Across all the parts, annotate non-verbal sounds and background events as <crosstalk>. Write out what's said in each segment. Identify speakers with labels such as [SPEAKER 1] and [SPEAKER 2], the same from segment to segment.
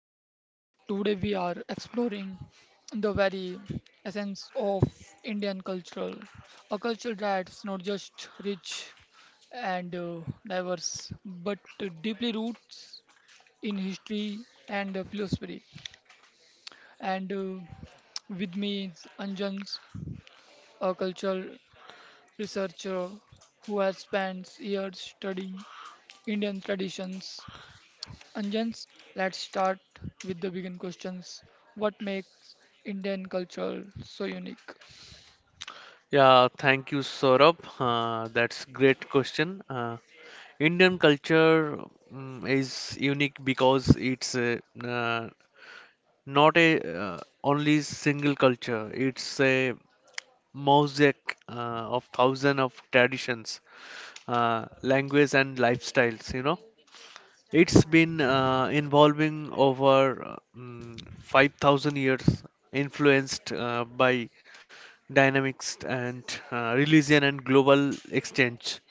[SPEAKER 1] Connect. Today we are exploring the very essence of Indian culture, a culture that's not just rich and diverse but deeply roots in history and philosophy. And With me is Anjan, a cultural researcher who has spent years studying Indian traditions Anjans, let's start with the begin questions. What makes Indian culture so unique?
[SPEAKER 2] Yeah, thank you, Saurabh. That's great question. Indian culture is unique because it's uh, not a uh, only single culture. It's a mosaic of thousands of traditions, language, and lifestyles. It's been evolving over 5,000 years, influenced by dynamics and religion and global exchange.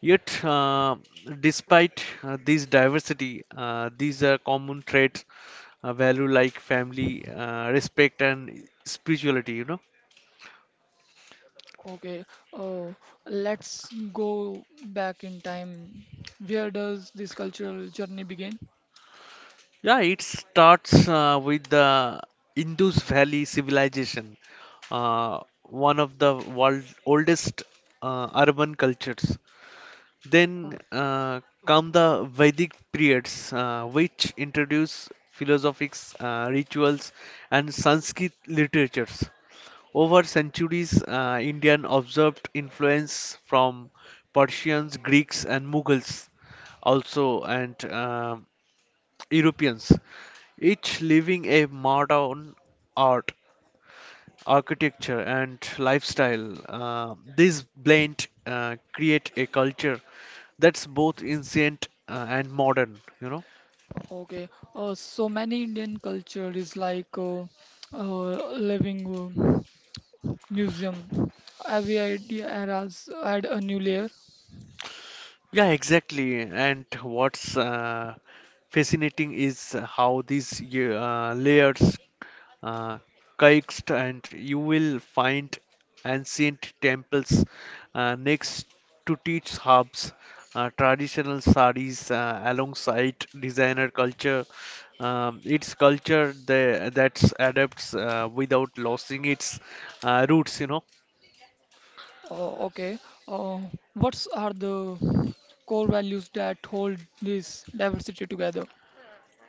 [SPEAKER 2] Yet, despite this diversity, these are common traits, value like family, respect, and spirituality, you know.
[SPEAKER 1] Okay, uh, let's go back in time. Where does this cultural journey begin?
[SPEAKER 2] Yeah, it starts with the Indus Valley civilization, one of the world's oldest urban cultures. Then
[SPEAKER 1] Okay,
[SPEAKER 2] come the Vedic periods, which introduce philosophics, rituals, and Sanskrit literatures. Over centuries, Indian observed influence from Persians, Greeks, and Mughals, also and Europeans, each leaving a modern art architecture, and lifestyle. These blend create a culture that's both ancient and modern, you know.
[SPEAKER 1] okay. So many Indian culture is like living museum. Every idea eras add a new layer.
[SPEAKER 2] Yeah, exactly. And what's fascinating is how these layers uh, Kaikst, and you will find ancient temples next to teach hubs, traditional saris alongside designer culture. It's culture that that's adapts without losing its roots, you know.
[SPEAKER 1] Oh, okay. Uh, what are the core values that hold this diversity together?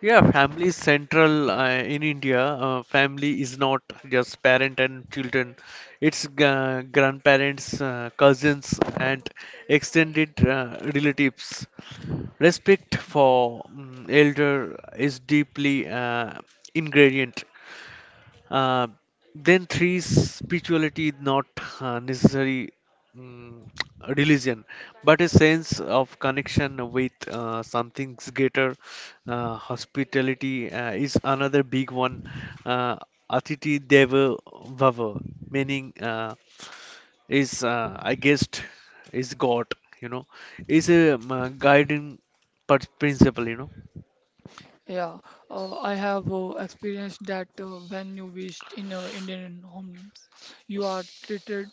[SPEAKER 2] Yeah, family is central in India. Family is not just parent and children. It's grandparents, cousins, and extended relatives. Respect for elder is deeply ingrained, uh, then three spirituality is not necessary mm, <tsk> religion but a sense of connection with something greater. Hospitality is another big one, uh, atiti deva bhava meaning, is I guessed is god, you know, is a guiding principle, you know.
[SPEAKER 1] Yeah, I have experienced that when you visit in Indian homes, you are treated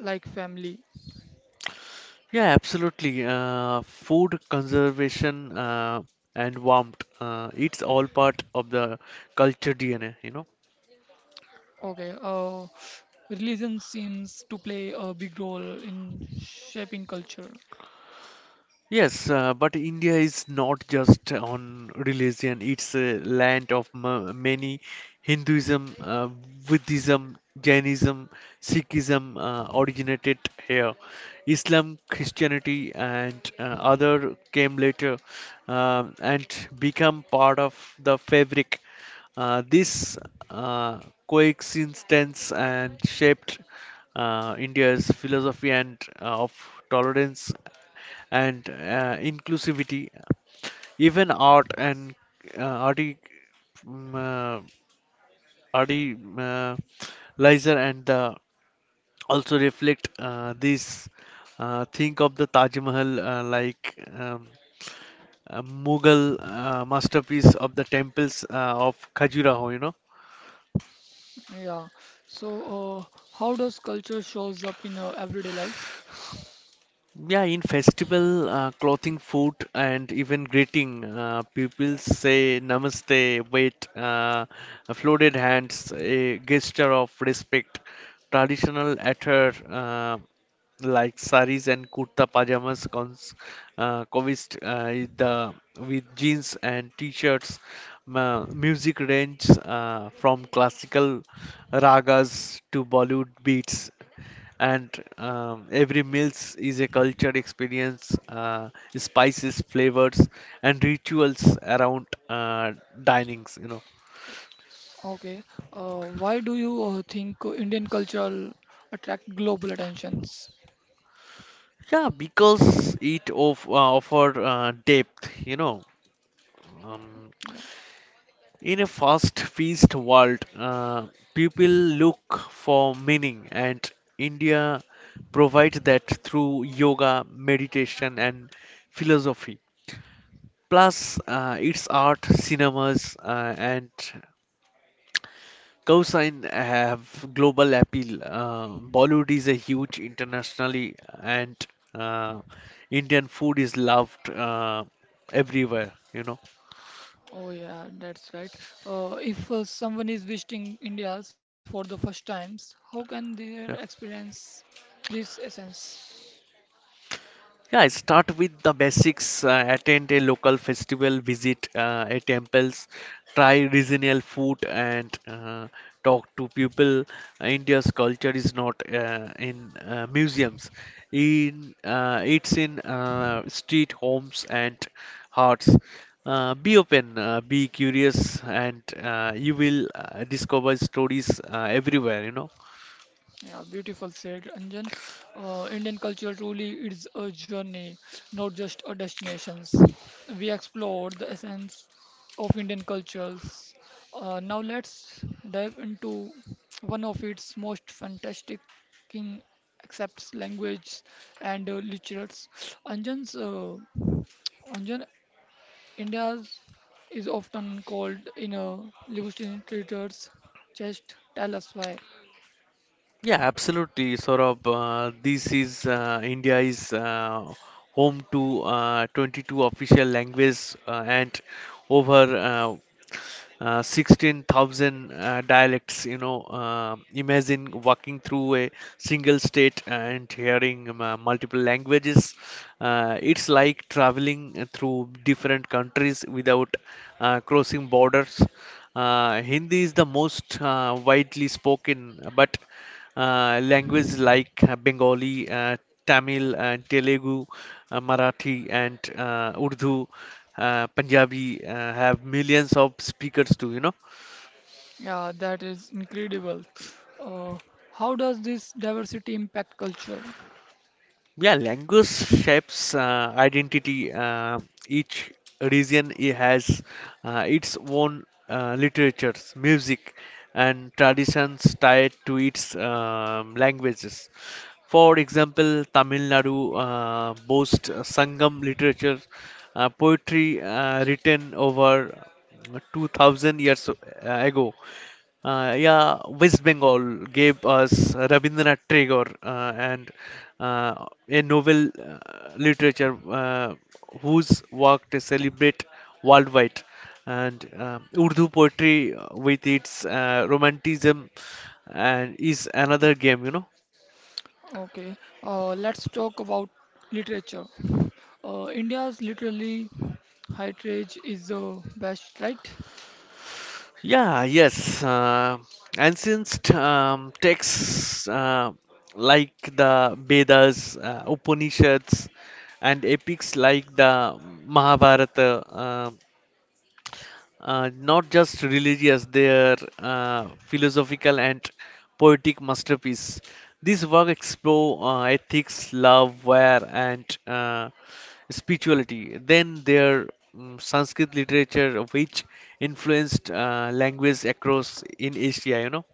[SPEAKER 1] like family.
[SPEAKER 2] Yeah, absolutely. Food conservation and warmth, it's all part of the culture DNA, you know.
[SPEAKER 1] Okay, religion seems to play a big role in shaping culture.
[SPEAKER 2] Yes, but India is not just on religion, it's a land of many. Hinduism, Buddhism, Jainism, Sikhism originated here. Islam, Christianity, and other came later and become part of the fabric. This uh, coexistence and shaped India's philosophy and of tolerance and inclusivity. Even art and uh, arti, um, uh, arti, Lizer and also reflect this. Think of the Taj Mahal like a Mughal masterpiece of the temples of Khajuraho, you know.
[SPEAKER 1] Yeah, so how does culture shows up in everyday life?
[SPEAKER 2] Yeah, in festival clothing, food, and even greeting, people say namaste, wait, folded hands, a gesture of respect. Traditional attire like saris and kurta pajamas cons coexist with jeans and t-shirts. Music range from classical ragas to Bollywood beats and every meals is a culture experience, spices, flavors, and rituals around dinings, you know.
[SPEAKER 1] Okay. Why do you think Indian culture attract global attentions?
[SPEAKER 2] Yeah, because it of, offer depth, you know. Um,
[SPEAKER 1] Yeah.
[SPEAKER 2] in a fast feast world, people look for meaning, and India provides that through yoga, meditation, and philosophy. Plus, its art, cinemas, and Cosine have global appeal. Bollywood is a huge internationally, and uh, Indian food is loved everywhere, you know.
[SPEAKER 1] Oh yeah, that's right. If someone is visiting India for the first times, how can they
[SPEAKER 2] Yeah.
[SPEAKER 1] experience this essence?
[SPEAKER 2] Yeah, I start with the basics. Attend a local festival, visit a temples, try regional food, and talk to people. India's culture is not in museums. In it's in street, homes, and hearts. Be open, be curious, and you will discover stories everywhere, you know.
[SPEAKER 1] Yeah, beautiful said Anjan. Indian culture truly is a journey, not just a destinations. We explored the essence of Indian cultures. Now let's dive into one of its most fantastic king accepts language and literatures. Anjan's uh, Anjan India's is often called in a linguistic literatures. Just tell us why.
[SPEAKER 2] Yeah, absolutely, Saurabh. This is India is home to 22 official languages and over uh, 16,000 dialects. You know, imagine walking through a single state and hearing multiple languages. It's like traveling through different countries without crossing borders. Hindi is the most widely spoken, but languages like Bengali, Tamil, and Telugu, Marathi, and Urdu, Punjabi have millions of speakers too, you know.
[SPEAKER 1] Yeah, that is incredible. Uh, how does this diversity impact culture?
[SPEAKER 2] Yeah, language shapes identity. Each region has its own literatures, music, and traditions tied to its languages. For example, Tamil Nadu boasts Sangam literature, poetry written over 2,000 years ago. Yeah, West Bengal gave us Rabindranath Tagore and a novel literature whose work to celebrate worldwide. And Urdu poetry with its romanticism and is another game, you know.
[SPEAKER 1] Okay, let's talk about literature. India's literally heritage is the best, right?
[SPEAKER 2] Yeah, yes. Ancient texts like the Vedas, Upanishads, and epics like the Mahabharata, not just religious, their philosophical and poetic masterpiece. This work explore ethics, love, war, and spirituality. Then their Sanskrit literature, which influenced language across in Asia, you know.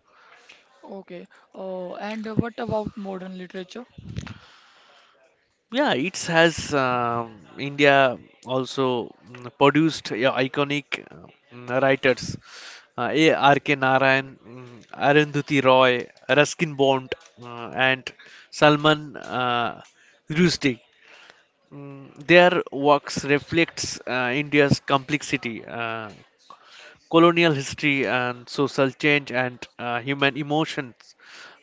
[SPEAKER 1] Okay, and what about modern literature?
[SPEAKER 2] Yeah, it has India also produced iconic, writers. A. R. K. Narayan, Arundhati Roy, Ruskin Bond, and Salman Rushdie. Their works reflects India's complexity, colonial history and social change and human emotions.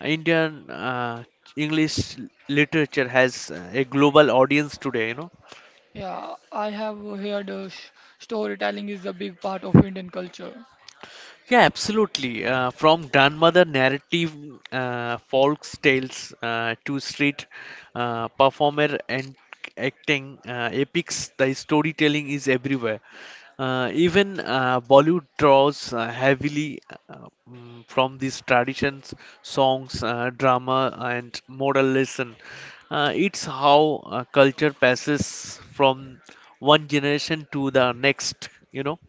[SPEAKER 2] Indian English literature has a global audience today, you know.
[SPEAKER 1] Yeah, I have heard sh storytelling is a big part of Indian culture.
[SPEAKER 2] Yeah, absolutely. From grandmother narrative folk tales to street performer and acting epics, the storytelling is everywhere. Even Bollywood draws heavily from these traditions, songs, drama, and moral lesson. It's how culture passes from one generation to the next, you know.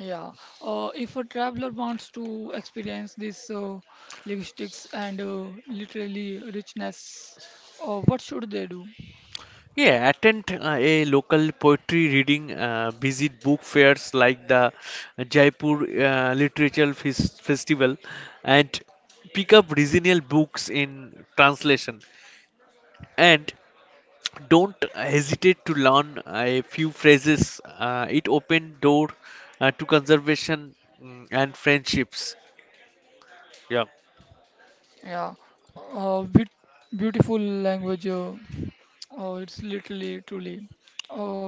[SPEAKER 1] Yeah, if a traveler wants to experience this linguistics and literally richness, what should they do?
[SPEAKER 2] Yeah, attend a local poetry reading, visit book fairs like the Jaipur Literature Festival, and pick up regional books in translation. And don't hesitate to learn a few phrases. It open door to conservation and friendships. Yeah.
[SPEAKER 1] Yeah, bit beautiful language. It's literally truly. Uh,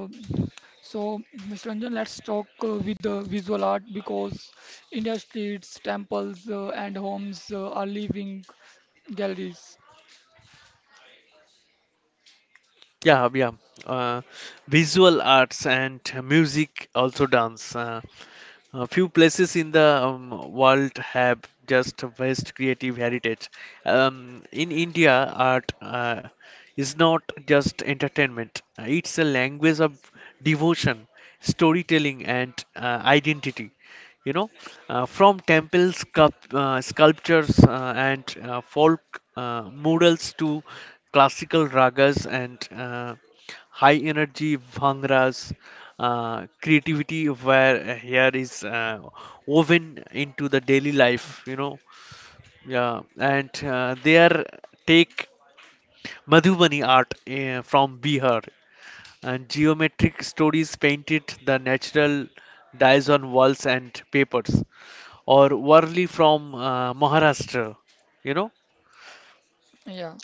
[SPEAKER 1] so, Mr. Ranjan, let's talk with the visual art because India's streets, temples, and homes are living galleries.
[SPEAKER 2] Yeah, yeah. Uh, visual arts and music, also dance. A few places in the world have just vast creative heritage. In India, art is not just entertainment, it's a language of devotion, storytelling, and identity, you know, from temple sculptures and folk murals to classical ragas and high energy bhangras. Creativity where here is woven into the daily life, you know. Yeah, and there take Madhubani art from Bihar and geometric stories painted the natural dyes on walls and papers or Warli from Maharashtra, you know,
[SPEAKER 1] Yeah.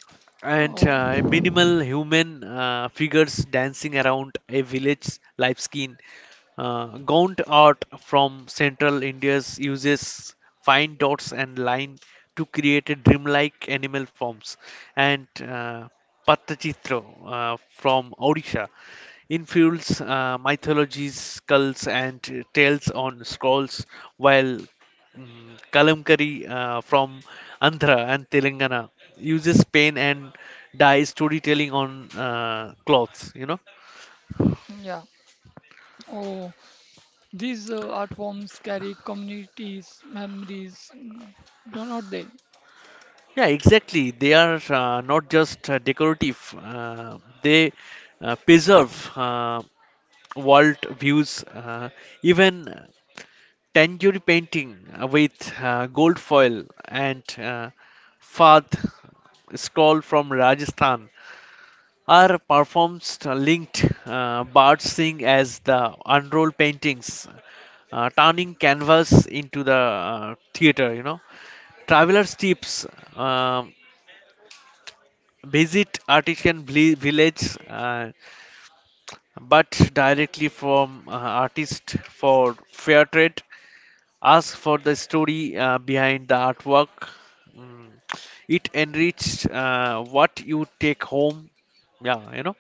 [SPEAKER 2] and
[SPEAKER 1] Oh,
[SPEAKER 2] minimal human figures dancing around a village life skin. Gaunt art from central India uses fine dots and line to create a dreamlike animal forms, and Pattachitra from Odisha infills mythologies, skulls, and tales on scrolls, while Kalamkari from Andhra and Telangana uses paint and dye storytelling on cloths, you know.
[SPEAKER 1] yeah. Oh. These art forms carry communities, memories, don't they?
[SPEAKER 2] Yeah, exactly. They are not just decorative, they preserve world views. Even tangerine painting with gold foil and Fad scroll from Rajasthan Are performs linked Bart Singh as the unrolled paintings, turning canvas into the theater, you know. Travelers tips: um visit artisan village, but directly from artist for fair trade. Ask for the story behind the artwork. Mm. It enriched what you take home. Yeah, you know.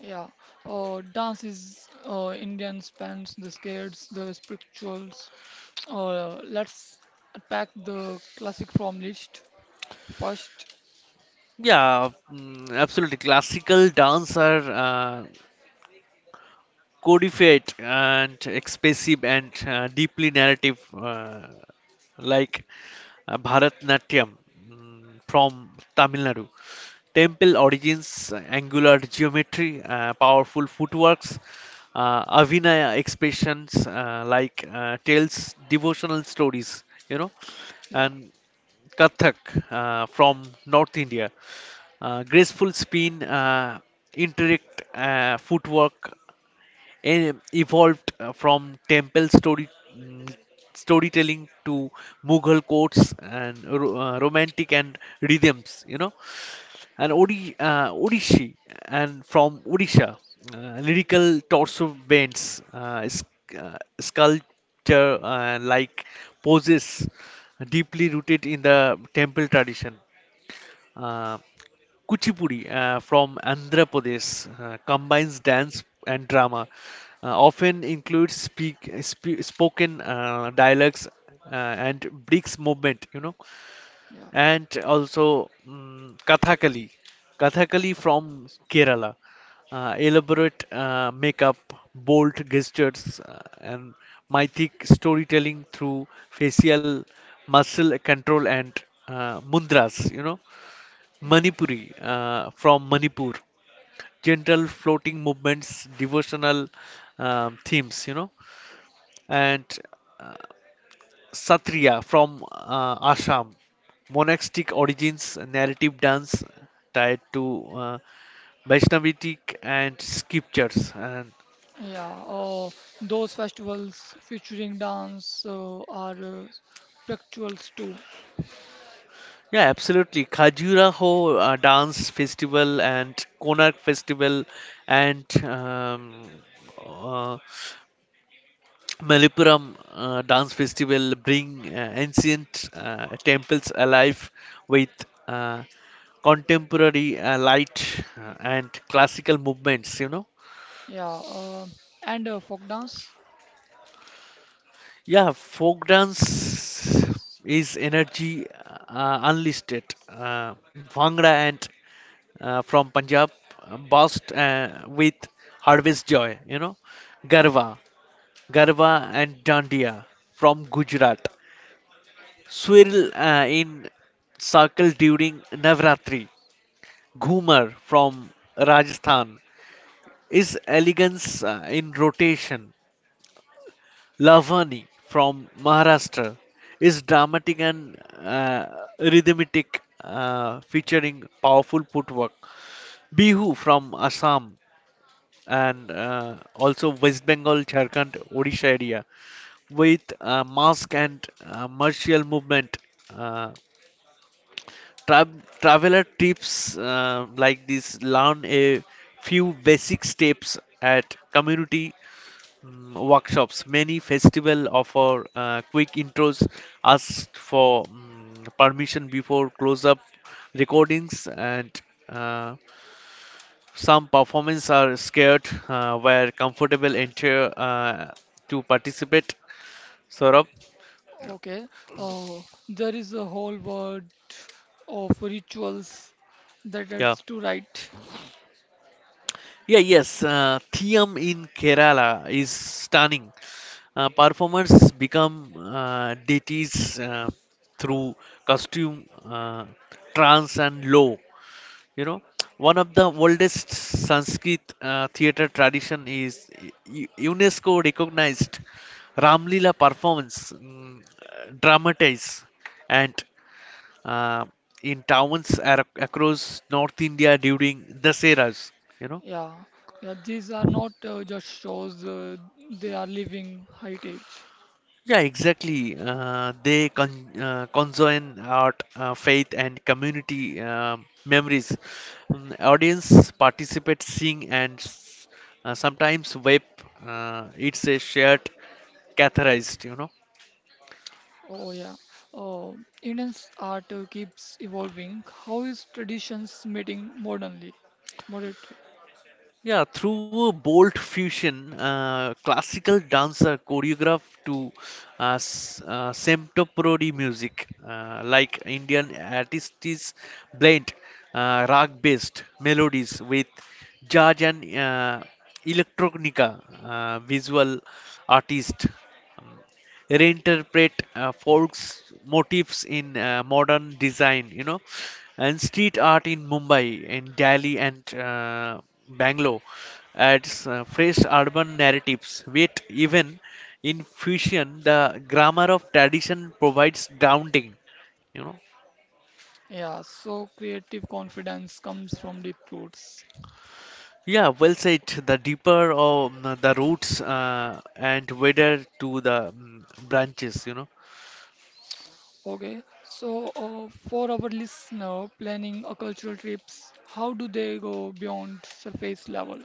[SPEAKER 1] Yeah. Dance is Indian spans, the scares, the spirituals. Let's attack the classic from list first.
[SPEAKER 2] Yeah, absolutely. Classical dance are codified and expressive and deeply narrative, like Bharatnatyam from Tamil Nadu. Temple origins, angular geometry, powerful footworks, Avinaya expressions like tells devotional stories, you know,
[SPEAKER 1] Yeah,
[SPEAKER 2] and Kathak from North India. Graceful spin, intricate footwork, evolved from temple story, mm, storytelling to Mughal courts and romantic and rhythms, you know, and
[SPEAKER 1] yeah,
[SPEAKER 2] Odishi and from Odisha, lyrical torso bends, sculpture like poses, deeply rooted in the temple tradition. Uh, Kuchipudi from Andhra Pradesh combines dance and drama, often includes speak, spoken dialects uh, and breaks movement, you know,
[SPEAKER 1] yeah,
[SPEAKER 2] and also Kathakali from Kerala, elaborate makeup, bold gestures, and mythic storytelling through facial muscle control and mudras, you know.
[SPEAKER 1] yeah.
[SPEAKER 2] Manipuri from Manipur. Gentle floating movements, devotional themes, you know, and uh, Satriya from Assam. Monastic origins, narrative dance tied to Vaishnavitic and scriptures. And
[SPEAKER 1] Yeah. Those festivals featuring dance are spirituals too.
[SPEAKER 2] yeah, absolutely. Khajuraho dance festival and Konark festival and uh, Malippuram dance festival bring ancient temples alive with uh, contemporary light and classical movements, you know.
[SPEAKER 1] Yeah. And folk dance.
[SPEAKER 2] Yeah, folk dance is energy, unlisted, uh, bhangra and from Punjab burst with harvest joy, you know.
[SPEAKER 1] Yeah,
[SPEAKER 2] Garva, Garva and dandiya from Gujarat
[SPEAKER 1] yeah.
[SPEAKER 2] swirl in circle during Navratri. Ghumar from Rajasthan is elegance in rotation. Lavani from Maharashtra is dramatic and rhythmic, featuring powerful footwork. Bihu from Assam and also West Bengal, Jharkhand, Odisha area with mask and martial movement. Uh, Tra- traveler tips like this learn a few basic steps at community workshops. Many festival offer quick intros, ask for permission before close-up recordings, and uh, some performance are scared where comfortable enter to participate. Saurabh,
[SPEAKER 1] Okay. Uh, there is a whole world of rituals that
[SPEAKER 2] yeah.
[SPEAKER 1] adds to right.
[SPEAKER 2] Yeah, yes, Thiyam in Kerala is stunning. Performers become deities through costume, trance, and law. You know, one of the oldest Sanskrit theater tradition is UNESCO recognized Ramlila performance, dramatize, and uh, in towns across North India during the eras. You know.
[SPEAKER 1] Yeah. Yeah. These are not just shows. They are living heritage.
[SPEAKER 2] Yeah, exactly. They conjoin art, faith, and community memories. Audience participate, sing, and sometimes weep. It's a shared catharsis, you know.
[SPEAKER 1] Oh yeah. Uh, Indian's art keeps evolving. How is traditions meeting modernly? Moderately.
[SPEAKER 2] Yeah, through a bold fusion, classical dancer choreographed to contemporary music, like Indian artists blend rock-based melodies with jazz and electronica. Visual artist um, reinterpret folks motifs in modern design, you know, and street art in Mumbai, in Delhi and Bangalore adds fresh urban narratives. Yet even in fusion, the grammar of tradition provides grounding, you know.
[SPEAKER 1] Yeah. So creative confidence comes from deep roots.
[SPEAKER 2] Yeah, well said. The deeper of the roots and whether to the branches, you know.
[SPEAKER 1] Okay, so for our listener planning a cultural trips, how do they go beyond surface level?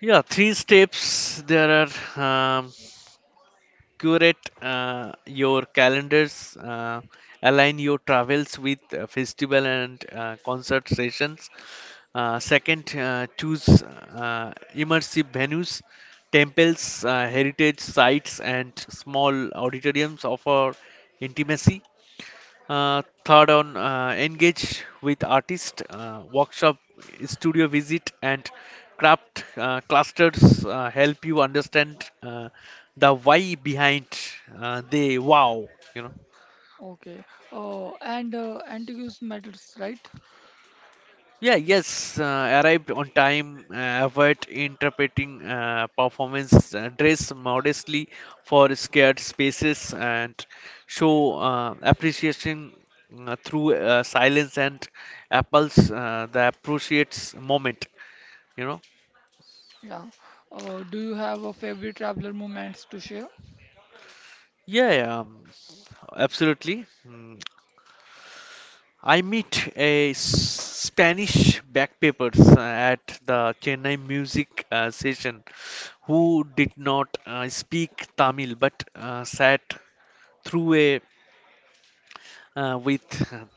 [SPEAKER 2] Yeah, three steps there are. Um, Curate your calendars, align your travels with festival and concert sessions. Second, choose immersive venues. Temples, heritage sites, and small auditoriums offer intimacy. Third, on engage with artist workshop, studio visit, and craft clusters help you understand the why behind the wow. You know.
[SPEAKER 1] Okay, and Antiguous matters, right?
[SPEAKER 2] Yeah, yes, arrived on time, avoid interpreting performance, dress modestly for scared spaces, and show appreciation through silence and apples the appreciates moment, you know.
[SPEAKER 1] Yeah. Do you have a favorite traveler moments to share?
[SPEAKER 2] Yeah, yeah, absolutely. I meet a Spanish backpackers at the Chennai music session who did not speak Tamil but sat through a with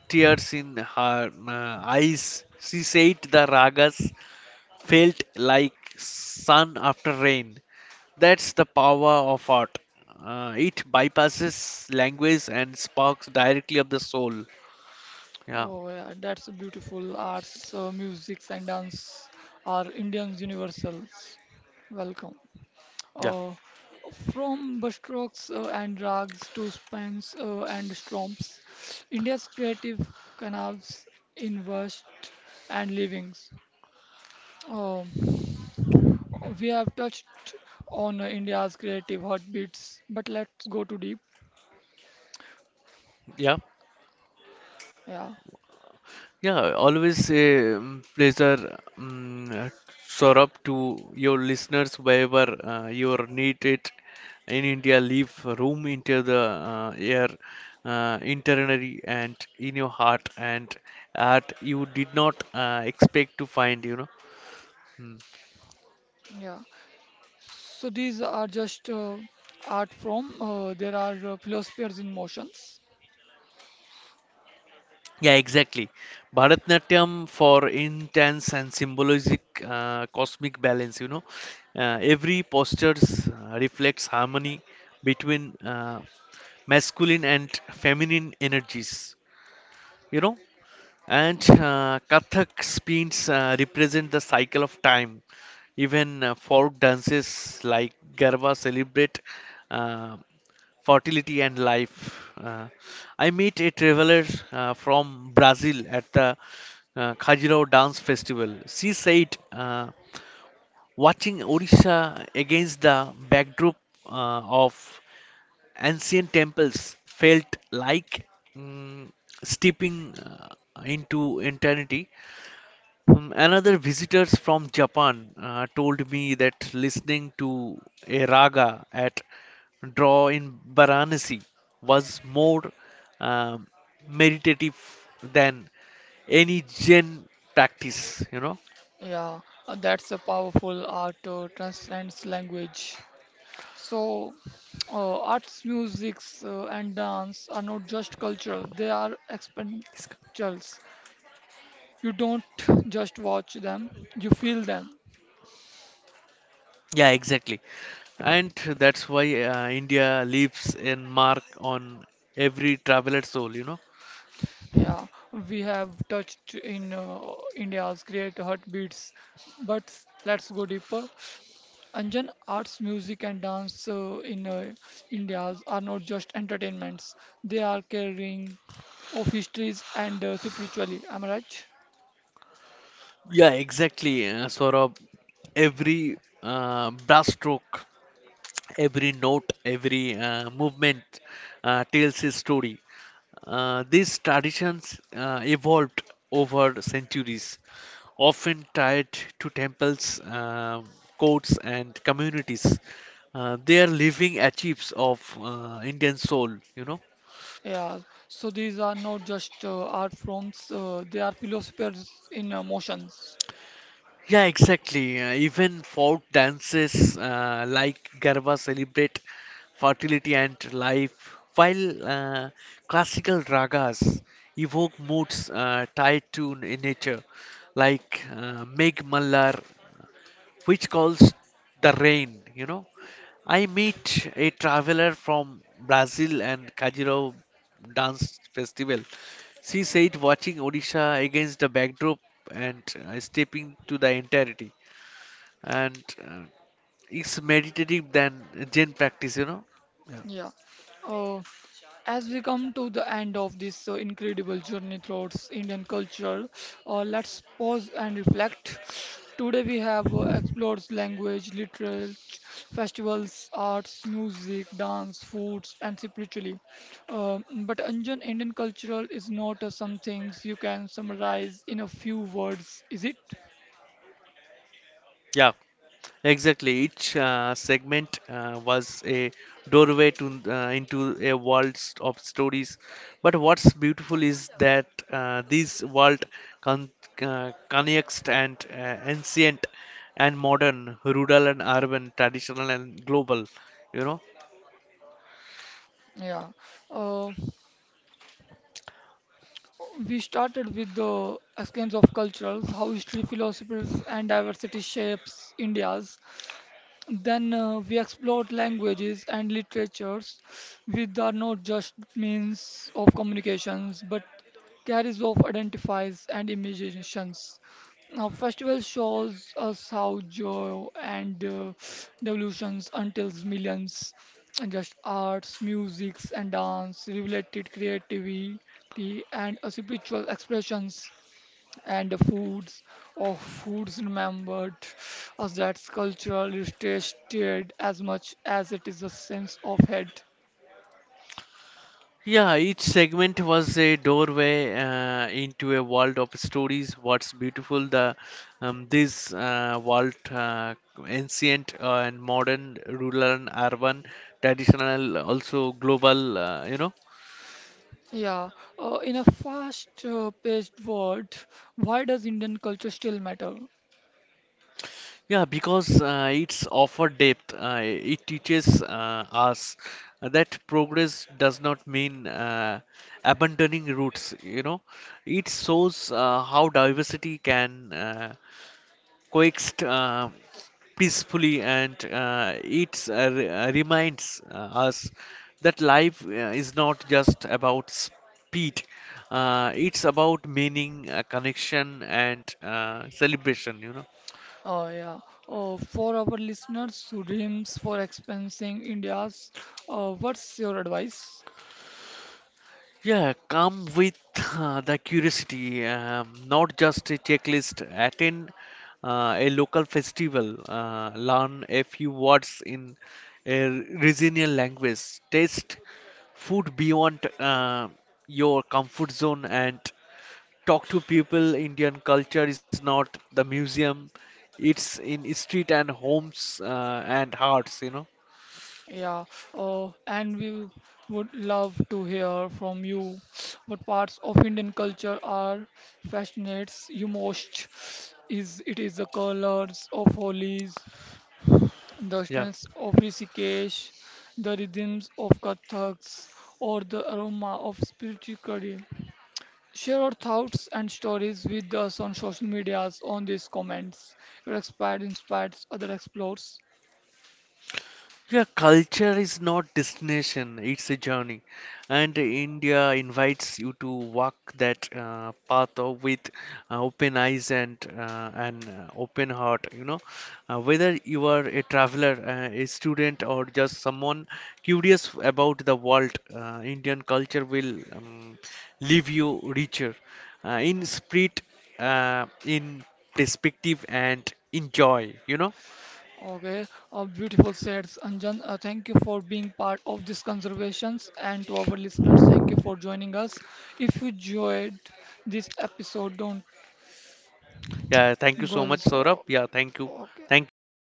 [SPEAKER 2] tears in her eyes. She said the ragas felt like sun after rain. That's the power of art. It bypasses language and sparks directly up the soul. Yeah,
[SPEAKER 1] Oh yeah, that's a beautiful. Arts, musics, and dance are Indians universals. Welcome.
[SPEAKER 2] yeah,
[SPEAKER 1] Uh, from Bastrocks and Rags to Spans and Stromps, India's creative canals invest and livings. Um, we have touched on India's creative heartbeats, but let's go too deep.
[SPEAKER 2] yeah.
[SPEAKER 1] Yeah,
[SPEAKER 2] Yeah, always a pleasure, Saurabh, to your listeners. Wherever you are needed in India, leave room into the air, internally and in your heart, and art you did not expect to find. You know. Hmm.
[SPEAKER 1] yeah. So these are just art from there are philosophers in motions.
[SPEAKER 2] Yeah, exactly. Bharatnatyam, for intense and symbolic cosmic balance, you know, every posture reflects harmony between masculine and feminine energies, you know. And
[SPEAKER 1] Yeah,
[SPEAKER 2] Kathak spins represent the cycle of time. Even folk dances like Garba celebrate uh, fertility and life. I met a traveler from Brazil at the Khajuraho Dance Festival. She said, watching Odisha against the backdrop of ancient temples felt like mm, stepping into eternity. Another visitors from Japan told me that listening to a raga at draw in Varanasi was more um, meditative than any Zen practice. You know?
[SPEAKER 1] yeah. That's a powerful art transcends language. So, arts, musics, and dance are not just cultural, they are experientials. You don't just watch them, you feel them.
[SPEAKER 2] Yeah, exactly. And that's why India leaves a mark on every traveler's soul, you know?
[SPEAKER 1] Yeah, we have touched in India's great heartbeats, but let's go deeper. Anjan, arts, music, and dance in India's are not just entertainments, they are carrying of histories and spiritually. Am I right?
[SPEAKER 2] Yeah, exactly, Saurabh. Every brass stroke, every note, every movement tells a story. These traditions evolved over centuries, often tied to temples, courts, and communities. They are living archives of Indian soul, you know.
[SPEAKER 1] Yeah, so these are not just art forms, they are philosophers in motions.
[SPEAKER 2] Yeah, exactly. Even folk dances like Garba celebrate fertility and life, while uh, classical ragas evoke moods tied to nature, like Meg Mallar, which calls the rain, you know. I meet a traveler from Brazil and Kajiro Dance Festival. She said watching Odisha against the backdrop and stepping to the entirety and it's meditative than Zen practice, you know.
[SPEAKER 1] Yeah. Uh, as we come to the end of this incredible journey towards Indian culture, let's pause and reflect. Today we have explored language, literature, festivals, arts, music, dance, foods, and spiritually. Uh, but Anjan, Indian cultural is not some things you can summarize in a few words, is it?
[SPEAKER 2] Yeah, exactly. Each segment was a doorway to into a world of stories. But what's beautiful is that this world con connects and ancient and modern, rural and urban, traditional and global. You know.
[SPEAKER 1] Yeah. Uh, we started with the escapes of cultures, how history, philosophies, and diversity shapes India's. Then we explored languages and literatures, which are not just means of communications, but carries of identifies and imaginations. Now, festival shows us how joy and devolutions until millions, and just arts, musics, and dance, related creativity, and spiritual expressions and the foods of foods remembered as that's cultural heritage shared as much as it is a sense of head.
[SPEAKER 2] Yeah, each segment was a doorway into a world of stories. What's beautiful, the this world, ancient and modern, rural and urban, traditional, also global. You know.
[SPEAKER 1] Yeah, in a fast-paced world, why does Indian culture still matter?
[SPEAKER 2] Yeah, because it's offer depth. It teaches us that progress does not mean abandoning roots. You know, it shows how diversity can coexist. Peacefully, and it reminds us that life is not just about speed. Uh, It's about meaning, connection and celebration, you know.
[SPEAKER 1] Oh yeah. For our listeners who dreams for experiencing India's, what's your advice?
[SPEAKER 2] Yeah, come with the curiosity, not just a checklist. Attend a local festival, learn a few words in a regional language, taste food beyond your comfort zone, and talk to people. Indian culture is not the museum; it's in street and homes and hearts. You know.
[SPEAKER 1] Yeah, oh, and we would love to hear from you what parts of Indian culture are fascinates you most. Is it is the colors of Holi's, the
[SPEAKER 2] Yeah.
[SPEAKER 1] strengths of Rishikesh, the rhythms of Kathaks, or the aroma of spirituality? Share your thoughts and stories with us on social medias on these comments. Your expert inspires other explorers.
[SPEAKER 2] Yeah, culture is not destination, it's a journey. And India invites you to walk that path of with open eyes and an open heart, you know. Whether you are a traveler, a student, or just someone curious about the world, Indian culture will leave you richer in spirit, in perspective, and in joy, you know.
[SPEAKER 1] Okay, beautiful said Anjan. Thank you for being part of this conservations and to our listeners, thank you for joining us. If you enjoyed this episode, don't
[SPEAKER 2] Yeah, thank you so
[SPEAKER 1] go.
[SPEAKER 2] much, Saurabh.
[SPEAKER 1] So,
[SPEAKER 2] Yeah, thank you.
[SPEAKER 1] okay.
[SPEAKER 2] Thank you all.